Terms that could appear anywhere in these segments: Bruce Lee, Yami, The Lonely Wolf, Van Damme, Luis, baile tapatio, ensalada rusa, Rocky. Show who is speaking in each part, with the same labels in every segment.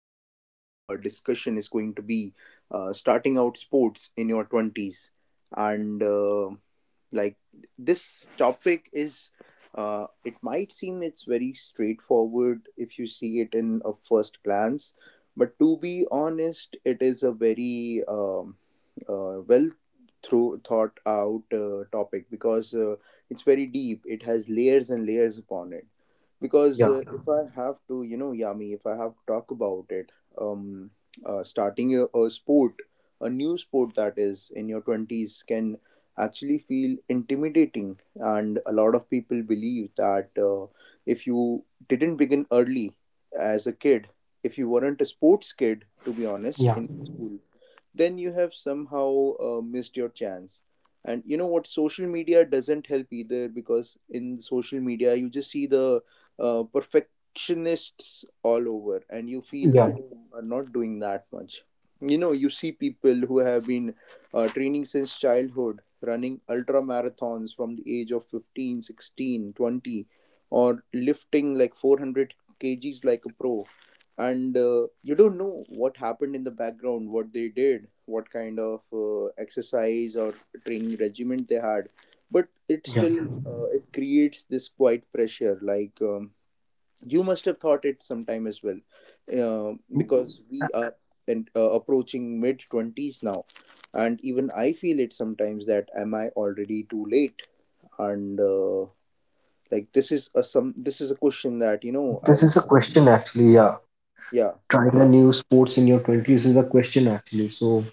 Speaker 1: of today's discussion is going to be starting out sports in your 20s. And like this topic is, it might seem it's very straightforward if you see it in a first glance, but to be honest, it is a very uh, well through thought out topic because it's very deep, it has layers and layers upon it because
Speaker 2: Yeah,
Speaker 1: if I have to, you know, Yami, if I have to talk about it, um starting a sport, a new sport that is in your 20s can actually feel intimidating, and a lot of people believe that if you didn't begin early as a kid, if you weren't a sports kid to be honest
Speaker 2: yeah,
Speaker 1: in school, then you have somehow missed your chance. And you know what, social media doesn't help either, because in social media you just see the perfectionists all over, and you feel
Speaker 2: yeah,
Speaker 1: that are not doing that much. You know, you see people who have been training since childhood, running ultra marathons from the age of 15, 16, 20, or lifting like 400 kgs like a pro. And you don't know what happened in the background, what they did, what kind of exercise or training regimen they had, but it
Speaker 2: yeah.
Speaker 1: still it creates this quite pressure, like you must have thought it sometime as well,
Speaker 2: Mm,
Speaker 1: because
Speaker 2: uh,
Speaker 1: we are and approaching mid 20s now, and even I feel it sometimes that am I already too late. And like this is a some this is a question that you know
Speaker 2: This
Speaker 1: i
Speaker 2: is a question actually. Yeah,
Speaker 1: yeah,
Speaker 2: trying a new sports in your 20s is a question actually. So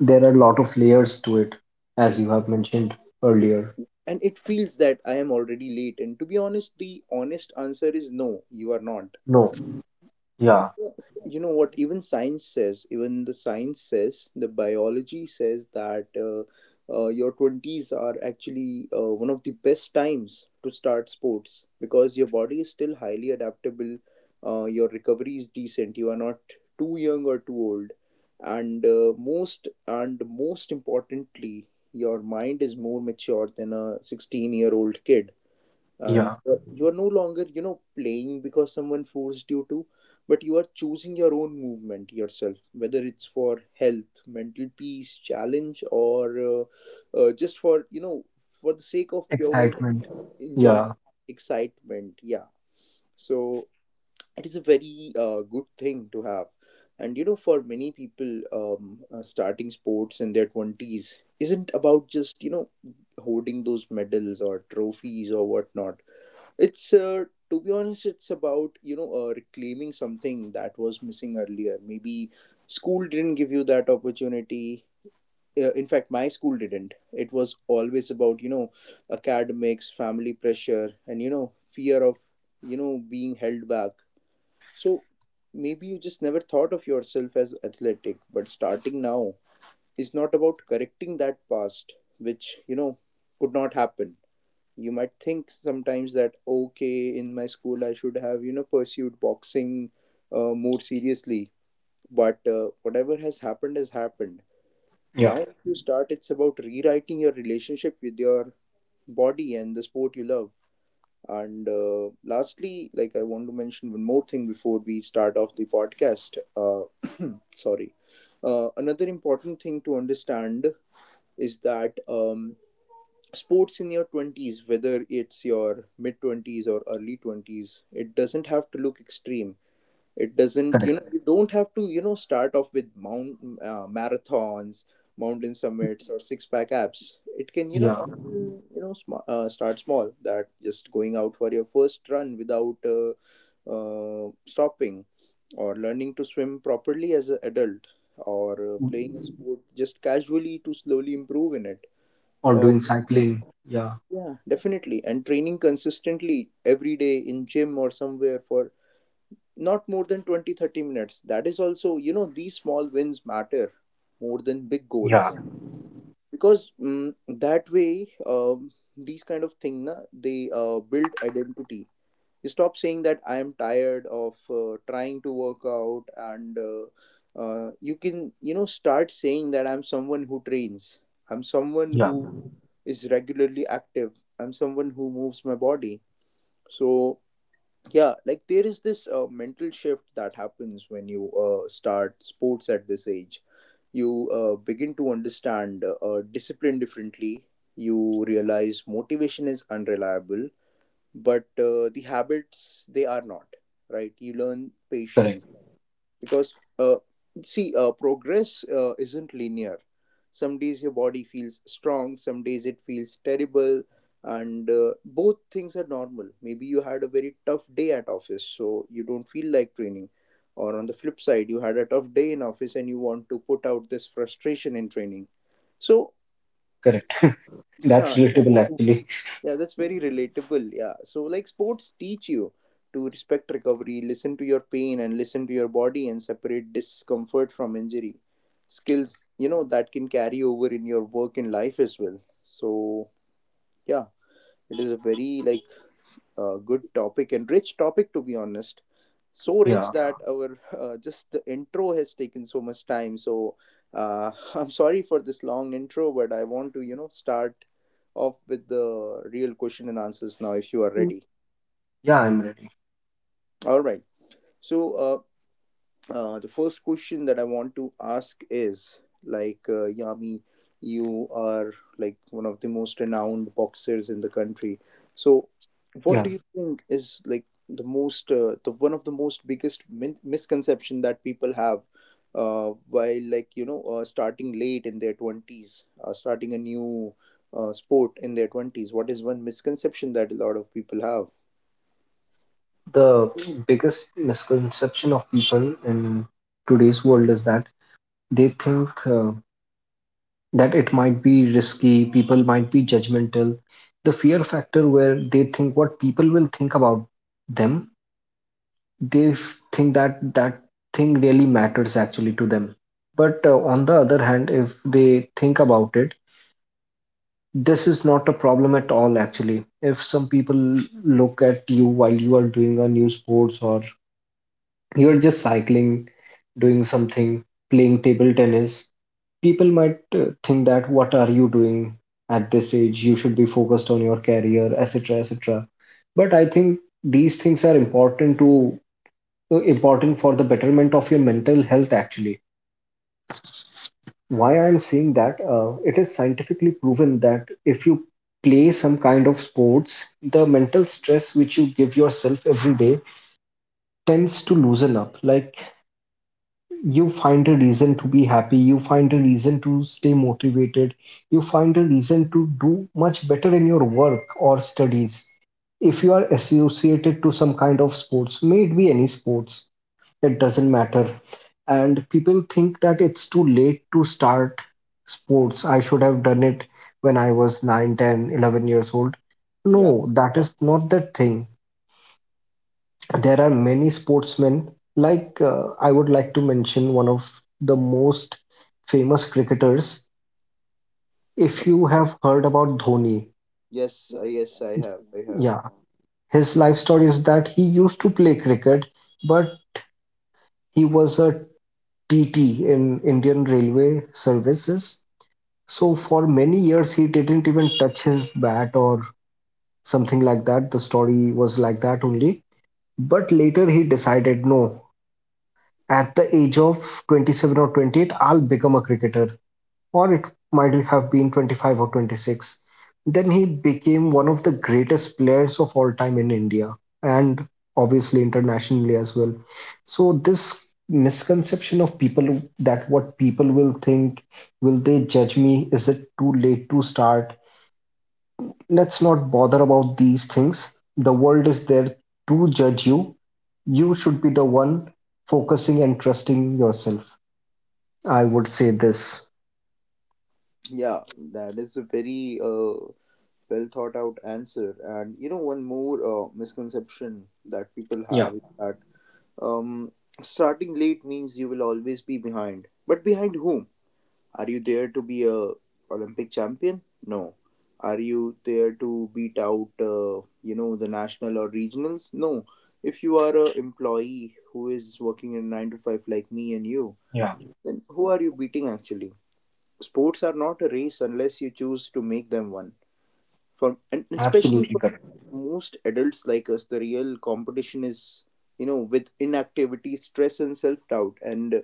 Speaker 2: there are a lot of layers to it, as you have mentioned earlier.
Speaker 1: and it feels that I am already late. And to be honest, the honest answer is no, you are not.
Speaker 2: No, yeah,
Speaker 1: Yeah. You know what? Even the science says, the biology says that your 20s are actually one of the best times to start sports because your body is still highly adaptable, your recovery is decent, you are not too young or too old. And most importantly, your mind is more mature than a 16-year-old kid, and
Speaker 2: yeah.
Speaker 1: you are no longer, you know, playing because someone forced you to, but you are choosing your own movement yourself, whether it's for health, mental peace, challenge, or just for, you know, for the sake of pure
Speaker 2: Excitement.
Speaker 1: enjoyment,
Speaker 2: Yeah,
Speaker 1: excitement, yeah. So it is a very good thing to have. And you know, for many people, starting sports in their 20s isn't about just, you know, holding those medals or trophies or whatnot. It's to be honest, it's about, you know, reclaiming something that was missing earlier. Maybe school didn't give you that opportunity. In fact, my school didn't. It was always about, you know, academics, family pressure, and, you know, fear of, you know, being held back. So maybe you just never thought of yourself as athletic. But starting now is not about correcting that past, which, you know, could not happen. You might think sometimes that okay, in my school I should have, you know, pursued boxing more seriously, but whatever has happened has happened.
Speaker 2: yeah,
Speaker 1: Now if you start, it's about rewriting your relationship with your body and the sport you love. And lastly, like, I want to mention one more thing before we start off the podcast. Uh, sorry. Uh, another important thing to understand is that um, sports in your 20s, whether it's your mid 20s or early 20s, it doesn't have to look extreme. It doesn't, you
Speaker 2: correct.
Speaker 1: know, you don't have to, you know, start off with mount marathons, mountain summits, or six pack abs. It can, you know,
Speaker 2: Yeah,
Speaker 1: often, you know, start small, that just going out for your first run without stopping, or learning to swim properly as an adult, or playing a
Speaker 2: Mm,
Speaker 1: sport just casually to slowly improve in it,
Speaker 2: or doing
Speaker 1: or
Speaker 2: cycling. Yeah,
Speaker 1: yeah, definitely. And training consistently every day in gym or somewhere for not more than 20, 30 minutes. That is also, you know, these small wins matter more than big
Speaker 2: yeah,
Speaker 1: goals, because mm that way these kind of thing na, they build identity. Stop saying that I am tired of trying to work out, and you can, you know, start saying that I'm someone who trains, I'm someone
Speaker 2: yeah,
Speaker 1: who is regularly active, I'm someone who moves my body. So yeah, like there is this mental shift that happens when you start sports at this age. You begin to understand discipline differently. You realize motivation is unreliable, but the habits they are not, right. You learn
Speaker 2: correct,
Speaker 1: patience because see progress isn't linear. Some days your body feels strong, some days it feels terrible, and both things are normal. Maybe you had a very tough day at office so you don't feel like training, or on the flip side you had a tough day in office and you want to put out this frustration in training. So
Speaker 2: correct. That's relatable actually.
Speaker 1: yeah, that's very relatable. Yeah. So, like, sports teach you to respect recovery, listen to your pain, and listen to your body, and separate discomfort from injury. Skills, you know, that can carry over in your work and life as well. So, yeah, it is a very, like, good topic and rich topic, to be honest, so rich.
Speaker 2: Yeah.
Speaker 1: Yeah, that our just the intro has taken so much time. So I'm sorry for this long intro, but I want to, you know, start off with the real question and answers now if you are
Speaker 2: Mm.
Speaker 1: ready.
Speaker 2: Yeah, I'm ready.
Speaker 1: All right, so the first question that I want to ask is like, Yami, you are like one of the most renowned boxers in the country. So, what
Speaker 2: Yeah.
Speaker 1: do you think is like the most, the one of the most biggest misconception that people have? While, like, you know, starting late in their 20s, starting a new sport in their 20s, what is one misconception that a lot of people have?
Speaker 2: The biggest misconception of people in today's world is that they think that it might be risky, people might be judgmental. The fear factor, where they think what people will think about them, they think that that thing really matters actually to them. But on the other hand, if they think about it, this is not a problem at all, actually. If some people look at you while you are doing a new sports, or you're just cycling, doing something, playing table tennis, people might think, that what are you doing at this age? You should be focused on your career, etc., etc. But I think these things are important for the betterment of your mental health. Actually, why I'm saying that, it is scientifically proven that if you play some kind of sports, the mental stress which you give yourself every day tends to loosen up. Like, you find a reason to be happy, you find a reason to stay motivated, you find a reason to do much better in your work or studies, if you are associated to some kind of sports, may it be any sports, it doesn't matter. And people think that it's too late to start sports, I should have done it when I was 9, 10, 11 years old.
Speaker 1: Yeah,
Speaker 2: No, that is not the thing. There are many sportsmen. Like, I would like to mention one of the most famous cricketers. If you have heard about Dhoni,
Speaker 1: yes, yes, I have, I have.
Speaker 2: yeah, his life story is that he used to play cricket, but he was a TT in Indian Railway services. So for many years he didn't even touch his bat or something like that, the story was like that only. But later he decided, no, at the age of 27 or 28 I'll become a cricketer. Or it might have been 25 or 26. Then he became one of the greatest players of all time in India, and obviously internationally as well. So, this misconception of people, that what people will think, will they judge me, is it too late to start? Let's not bother about these things. The world is there to judge you. You should be the one focusing and trusting yourself. I would say this.
Speaker 1: Yeah, that is a very well thought out answer. And you know, one more misconception that people
Speaker 2: Yeah,
Speaker 1: have is that um, starting late means you will always be behind. But behind whom? Are you there to be a Olympic champion? No. Are you there to beat out, you know, the national or regionals? No. If you are a employee who is working in nine to five like me and you,
Speaker 2: yeah,
Speaker 1: then who are you beating actually? Sports are not a race unless you choose to make them one, for and especially
Speaker 2: absolutely
Speaker 1: for
Speaker 2: correct.
Speaker 1: most adults like us. The real competition is, you know, with inactivity, stress, and self-doubt, and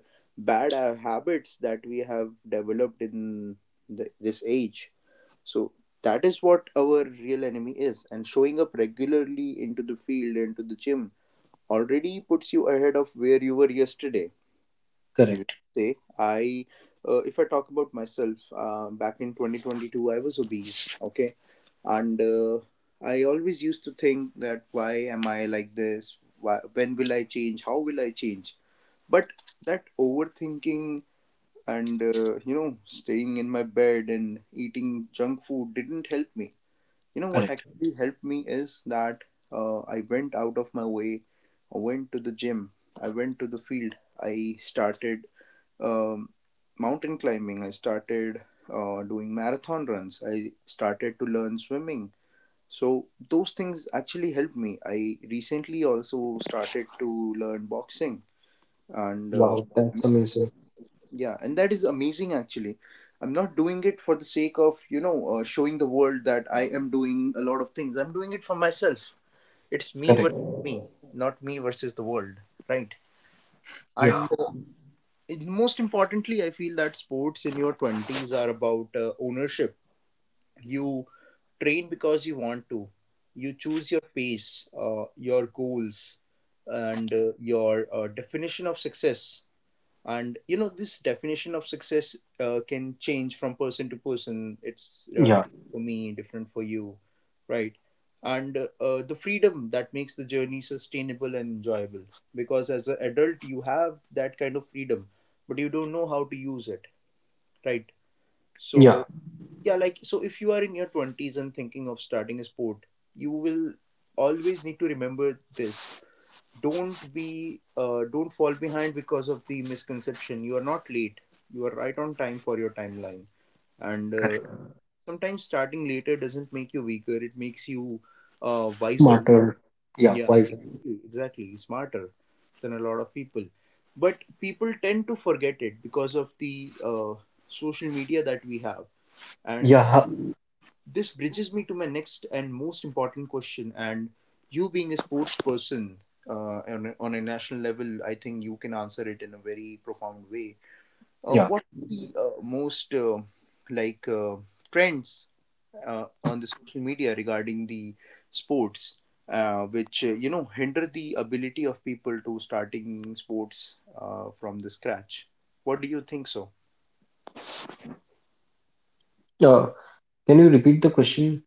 Speaker 1: bad habits that we have developed in this age. So that is what our real enemy is, and showing up regularly into the field, into the gym, already puts you ahead of where you were yesterday. Yes.
Speaker 2: Correct.
Speaker 1: say I If I talk about myself, back in 2022 I was obese, okay. And I always used to think that, why am I like this, why, when will I change, how will I change? But that overthinking and you know, staying in my bed and eating junk food didn't help me. You know what
Speaker 2: Correct.
Speaker 1: actually helped me is that I went out of my way, I went to the gym, I went to the field, I started um, mountain climbing, I started doing marathon runs, I started to learn swimming. So those things actually helped me. I recently also started to learn boxing. And
Speaker 2: Wow, that's amazing.
Speaker 1: yeah, and that is amazing actually. I'm not doing it for the sake of, you know, showing the world that I am doing a lot of things. I'm doing it for myself. It's me
Speaker 2: Correct.
Speaker 1: versus me, not me versus the world, right. And
Speaker 2: Yeah.
Speaker 1: most importantly, I feel that sports in your 20s are about ownership. You train because you want to, you choose your pace, your goals, and your definition of success. And you know, this definition of success can change from person to person. It's
Speaker 2: Yeah.
Speaker 1: different for me, different for you, right. And the freedom that makes the journey sustainable and enjoyable, because as an adult you have that kind of freedom, but you don't know how to use it, right.
Speaker 2: Yeah.
Speaker 1: So yeah, like, so if you are in your 20s and thinking of starting a sport, you will always need to remember this: don't be, don't fall behind because of the misconception. You are not Late, you are right on time for your timeline. And
Speaker 2: Correct.
Speaker 1: sometimes starting later doesn't make you weaker, it makes you wiser.
Speaker 2: Smarter. Yeah.
Speaker 1: Yeah,
Speaker 2: Wiser.
Speaker 1: exactly, exactly, smarter than a lot of people. But people tend to forget it because of the social media that we have. And
Speaker 2: Yeah.
Speaker 1: this bridges me to my next and most important question. And you, being a sports person on a national level, I think you can answer it in a very profound way.
Speaker 2: Yeah.
Speaker 1: What are the most like uh, trends on the social media regarding the sports, which you know hinder the ability of people to starting sports from the scratch? What do you think so?
Speaker 2: Uh, can you repeat the question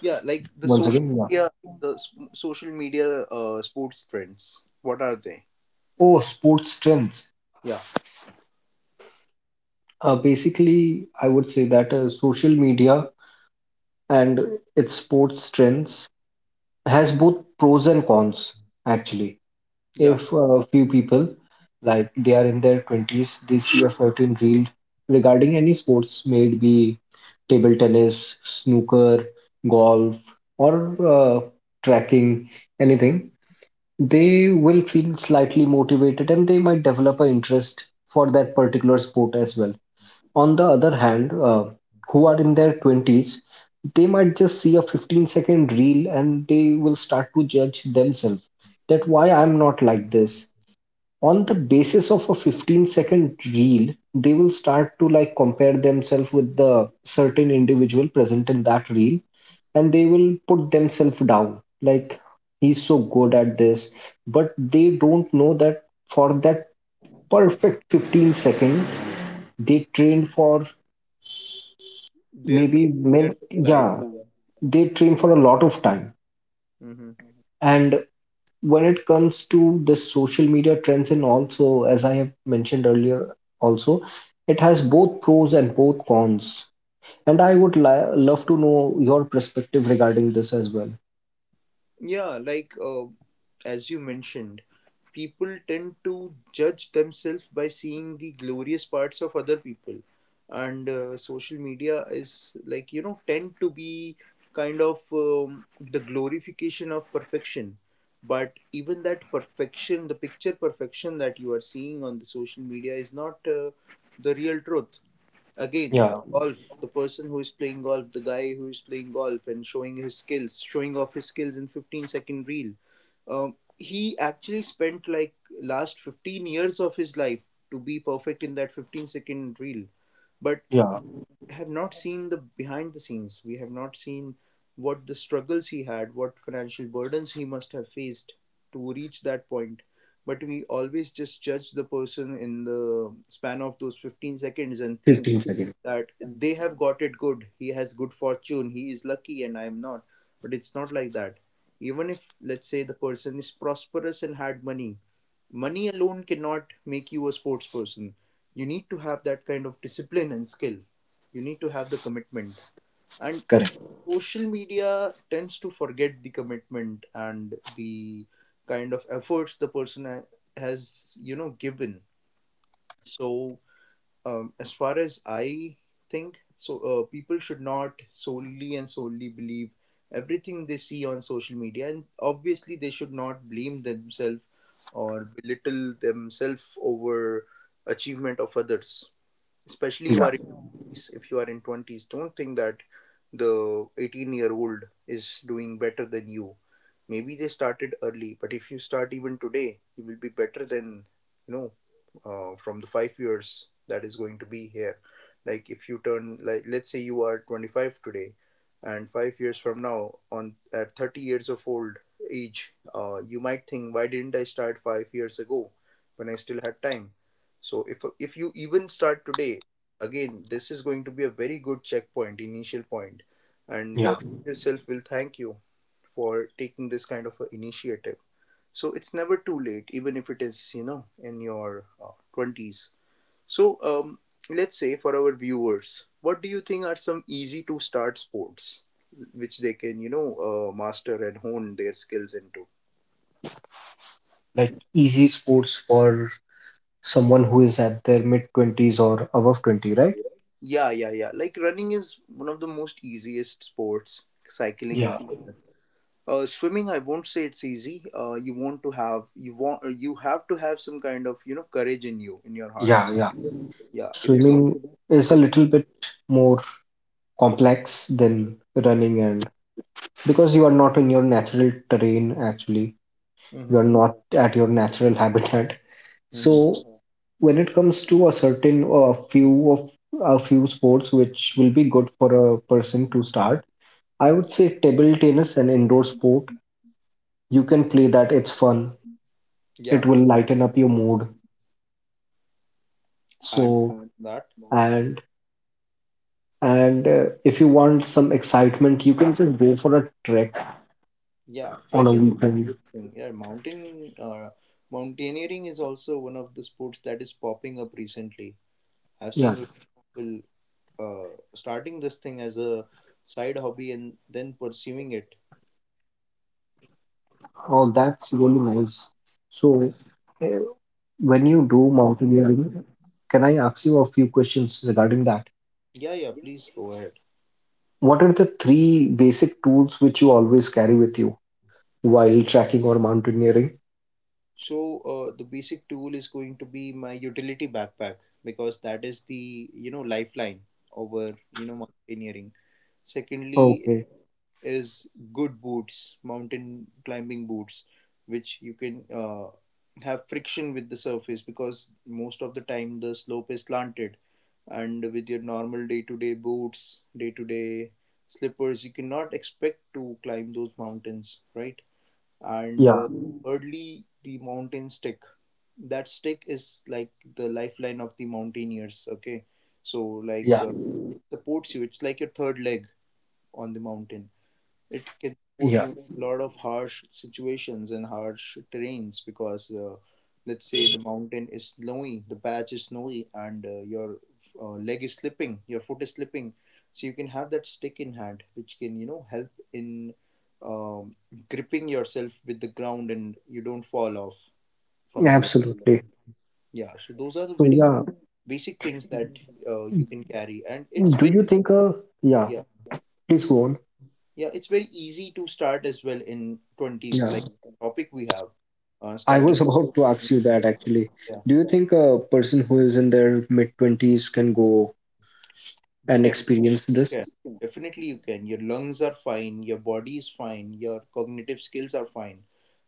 Speaker 1: Yeah, like the
Speaker 2: once
Speaker 1: social
Speaker 2: again? Yeah.
Speaker 1: media, social media sports trends. What are they?
Speaker 2: Oh, sports strengths.
Speaker 1: Yeah,
Speaker 2: Basically, I would say that social media and its sports trends has both pros and cons, actually.
Speaker 1: yeah,
Speaker 2: If a few people, like, they are in their 20s, they see a certain reel regarding any sports, may it be table tennis, snooker, golf, or uh, tracking, anything, they will feel slightly motivated, and they might develop an interest for that particular sport as well. On the other hand, who are in their 20s, they might just see a 15-second reel and they will start to judge themselves, that why I'm not like this. On the basis of a 15-second reel, they will start to like compare themselves with the certain individual present in that reel, and they will put themselves down, like, he's so good at this. But they don't know that for that perfect 15 second, they trained for,
Speaker 1: their 15
Speaker 2: maybe, men,
Speaker 1: years of life.
Speaker 2: yeah, they train for a lot of time. And when it comes to the social media trends, and also as I have mentioned earlier also, it has both pros and both cons. And I would love to know your perspective regarding this as well.
Speaker 1: Yeah, as you mentioned, people tend to judge themselves by seeing the glorious parts of other people, and social media is like tend to be kind of the glorification of perfection. But even that perfection, the picture perfection that you are seeing on the social media, is not the real truth. Again,
Speaker 2: Yeah,
Speaker 1: golf, the person who is playing golf, the guy who is playing golf and showing his skills, showing off his skills in 15-second reel. He actually spent like last 15 years of his life to be perfect in that 15-second reel. But
Speaker 2: yeah.
Speaker 1: have not seen the behind the scenes. We have not seen what the struggles he had, what financial burdens he must have faced to reach that point. But we always just judge the person in the span of those 15 seconds and think
Speaker 2: 15 seconds.
Speaker 1: that they have got it good. He has good fortune. He is lucky, and I am not. But it's not like that. Even if, let's say, the person is prosperous and had money, money alone cannot make you a sports person. You need to have that kind of discipline and skill, you need to have the commitment, and
Speaker 2: Correct.
Speaker 1: social media tends to forget the commitment and the kind of efforts the person has given. So as far as I think so, people should not solely and solely believe everything they see on social media, and obviously they should not blame themselves or belittle themselves over achievement of others, especially who
Speaker 2: Yeah,
Speaker 1: are, if you are in 20s, don't think that the 18-year-old is doing better than you. Maybe they started early, but if you start even today you will be better than, you know from the 5 years that is going to be here. Like if you turn, like let's say you are 25 today, and 5 years from now on at 30 years of old age, you might think why didn't I start 5 years ago when I still had time. So if you even start today, again this is going to be a very good checkpoint, initial point, and
Speaker 2: yeah.
Speaker 1: your future self will thank you for taking this kind of a initiative. So it's never too late even if it is, you know, in your 20s. So let's say, for our viewers, what do you think are some easy to start sports which they can master and hone their skills into?
Speaker 2: Like, easy sports for someone who is at their mid 20s or above 20, right?
Speaker 1: Yeah, yeah, yeah, like running is one of the most easiest sports. Cycling
Speaker 2: Yeah,
Speaker 1: is there. Swimming, I won't say it's easy. Uh, you have to have some kind of courage in you, in your
Speaker 2: yeah,
Speaker 1: heart.
Speaker 2: yeah.
Speaker 1: Yeah, if you don't,
Speaker 2: Swimming is a
Speaker 1: then
Speaker 2: little bit more complex than running, and because you are not in your natural terrain, actually, you
Speaker 1: hmm,
Speaker 2: are not at your natural habitat.
Speaker 1: hmm,
Speaker 2: So when it comes to a certain, or a few of a few sports which will be good for a person to start, I would say table tennis, an indoor sport, you can play that, it's fun,
Speaker 1: yeah,
Speaker 2: it will lighten up your mood.
Speaker 1: and
Speaker 2: So.
Speaker 1: that,
Speaker 2: And if you want some excitement, you can just go for a trek
Speaker 1: yeah,
Speaker 2: on
Speaker 1: trek
Speaker 2: a
Speaker 1: is a
Speaker 2: weekend.
Speaker 1: good thing. Yeah, mountain mountaineering is also one of the sports that is popping up recently. I've
Speaker 2: Yeah.
Speaker 1: seen lot of people starting this thing as a side hobby and then pursuing it.
Speaker 2: Oh, that's really nice. So, uh, when you do mountaineering, can I ask you a few questions regarding that?
Speaker 1: Yeah, yeah, please go ahead.
Speaker 2: What are the three basic tools which you always carry with you while trekking or mountaineering?
Speaker 1: So the basic tool is going to be my utility backpack, because that is the lifeline over mountaineering. Secondly
Speaker 2: Okay.
Speaker 1: is good boots, mountain climbing boots, which you can have friction with the surface, because most of the time the slope is slanted and with your normal day-to-day boots, day-to-day slippers, you cannot expect to climb those mountains, right? And
Speaker 2: Yeah.
Speaker 1: thirdly, the mountain stick. That stick is like the lifeline of the mountaineers, okay? so like
Speaker 2: Yeah.
Speaker 1: uh, it supports you, it's like your third leg on the mountain. It can support
Speaker 2: Yeah.
Speaker 1: you in a lot of harsh situations and harsh terrains, because let's say the mountain is snowy, the patch is snowy, and your leg is slipping, your foot is slipping, so you can have that stick in hand which can help in um, gripping yourself with the ground and you don't fall off from the ledge.
Speaker 2: Absolutely.
Speaker 1: Yeah, so those are the
Speaker 2: So,
Speaker 1: very
Speaker 2: yeah.
Speaker 1: basic things that you can carry, and it's
Speaker 2: Do
Speaker 1: very,
Speaker 2: you think a yeah,
Speaker 1: yeah,
Speaker 2: please go on.
Speaker 1: yeah, it's very easy to start as well in twenties,
Speaker 2: Yeah.
Speaker 1: like topic we have, uh,
Speaker 2: I
Speaker 1: starting
Speaker 2: was about to ask you that actually. Do you think a person who is in their mid 20s can go and
Speaker 1: Yeah.
Speaker 2: experience this?
Speaker 1: Yeah, definitely you can. Your lungs are fine, your body is fine, your cognitive skills are fine.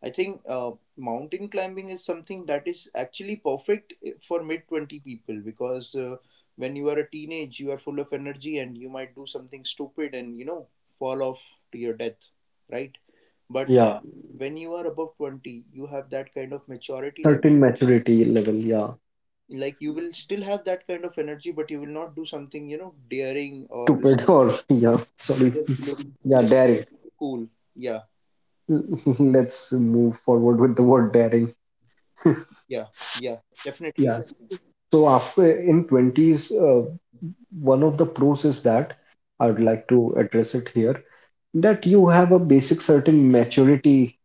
Speaker 1: I think mountain climbing is something that is actually perfect eh, for mid 20 people, because when you are a teenage, you are full of energy and you might do something stupid and you know fall off to your death, right? But
Speaker 2: Yeah,
Speaker 1: when you are above 20, you have that kind of maturity level.
Speaker 2: certain maturity level. Yeah,
Speaker 1: Like you will still have that kind of energy, but you will not do something, you know, daring or
Speaker 2: stupid or yeah, sorry.
Speaker 1: just look,
Speaker 2: Yeah,
Speaker 1: just
Speaker 2: daring.
Speaker 1: look cool. Yeah,
Speaker 2: Let's move forward with the word daring.
Speaker 1: yeah, yeah, definitely.
Speaker 2: Yes. So after in 20s, one of the pros is that I would
Speaker 1: Mm-hmm.
Speaker 2: like to address it here, that you have a basic certain maturity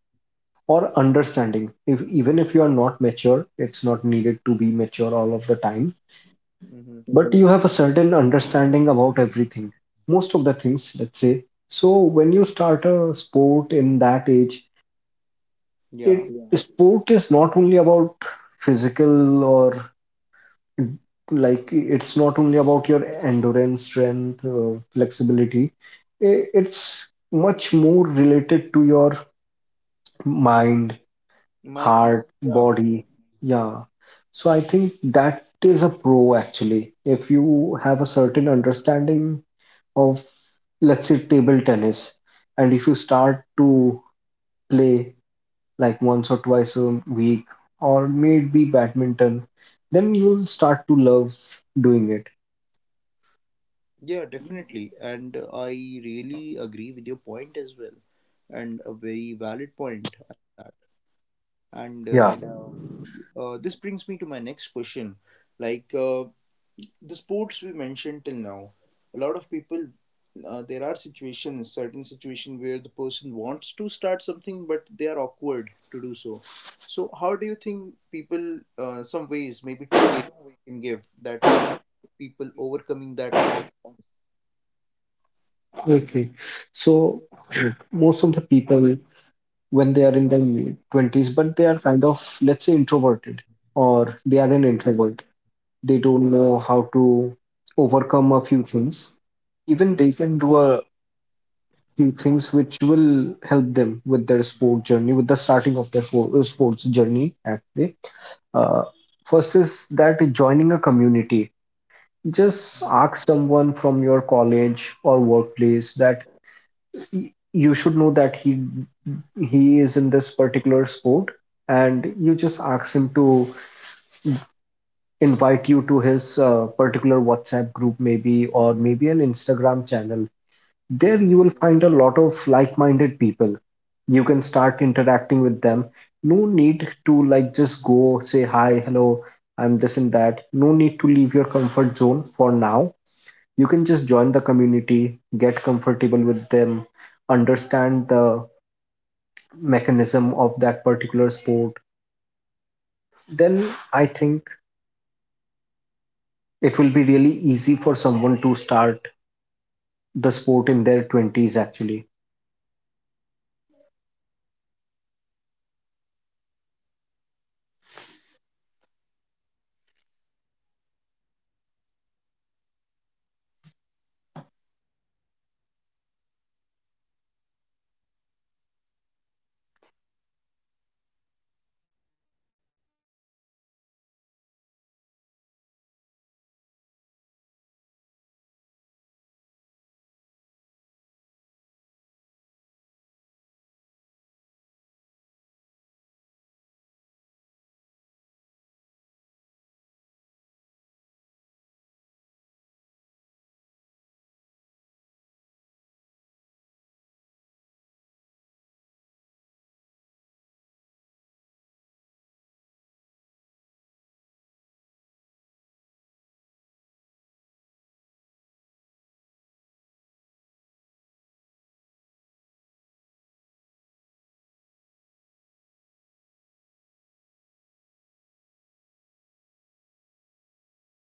Speaker 2: or understanding. If even if you are not mature, it's not needed to be mature all of the time,
Speaker 1: Mm-hmm.
Speaker 2: but you have a certain understanding about everything, most of the things, let's say. So when you start a sport in that age, it
Speaker 1: Yeah,
Speaker 2: yeah, sport is not only about physical, or, like, it's not only about your endurance, strength, flexibility, it's much more related to your mind,
Speaker 1: mindset.
Speaker 2: heart,
Speaker 1: Yeah,
Speaker 2: body. Yeah. So I think that is a pro actually, if you have a certain understanding of, let's say, table tennis, and if you start to play like once or twice a week, or maybe badminton, then you'll start to love doing it.
Speaker 1: yeah, definitely, and I really agree with your point as well, and a very valid point at that. and uh,
Speaker 2: Yeah.
Speaker 1: uh, this brings me to my next question. like uh, the sports we mentioned till now, a lot of people, there are situations, certain situations, where the person wants to start something but they are awkward to do so. So how do you think people, some ways, maybe two ways you can give, that can people overcoming that awkward?
Speaker 2: Okay. So most of the people, when they are in their mid 20s, but they are, kind of, let's say, introverted, or they are an introvert, they don't know how to overcome a few things. Even
Speaker 1: Mm-hmm.
Speaker 2: they can do a few things which will help them with their sport journey, with the starting of their sports journey, actually. Uh, First is that joining a community. Just
Speaker 1: Mm-hmm.
Speaker 2: ask someone from your college or workplace that you should know that he is in this particular sport, and you just ask him to invite you to his particular WhatsApp group, maybe, or maybe an Instagram channel. There
Speaker 1: Mm-hmm.
Speaker 2: you will find a lot of like-minded people. You can start interacting with them. No need to, like, just go say hi, hello, I'm this and
Speaker 1: Yeah,
Speaker 2: that. No need to leave your comfort zone for
Speaker 1: yeah, yeah, yeah,
Speaker 2: now.
Speaker 1: that makes
Speaker 2: You can
Speaker 1: sense
Speaker 2: just
Speaker 1: actually.
Speaker 2: join the
Speaker 1: And also
Speaker 2: community,
Speaker 1: I
Speaker 2: get
Speaker 1: also want to
Speaker 2: comfortable with
Speaker 1: say
Speaker 2: them,
Speaker 1: that
Speaker 2: understand the
Speaker 1: if you are awkward in this
Speaker 2: mechanism of
Speaker 1: field,
Speaker 2: that
Speaker 1: like if
Speaker 2: particular
Speaker 1: you want to
Speaker 2: sport.
Speaker 1: start the sport but if
Speaker 2: Then
Speaker 1: you
Speaker 2: I think
Speaker 1: feel
Speaker 2: it
Speaker 1: awkward,
Speaker 2: will be really
Speaker 1: then
Speaker 2: easy
Speaker 1: that
Speaker 2: for
Speaker 1: doesn't
Speaker 2: someone
Speaker 1: mean
Speaker 2: to
Speaker 1: that you
Speaker 2: start
Speaker 1: cannot do it, but
Speaker 2: the
Speaker 1: rather you
Speaker 2: sport in
Speaker 1: can
Speaker 2: their 20s
Speaker 1: join
Speaker 2: actually.
Speaker 1: back and reconnect with your roots, because yeah, um, you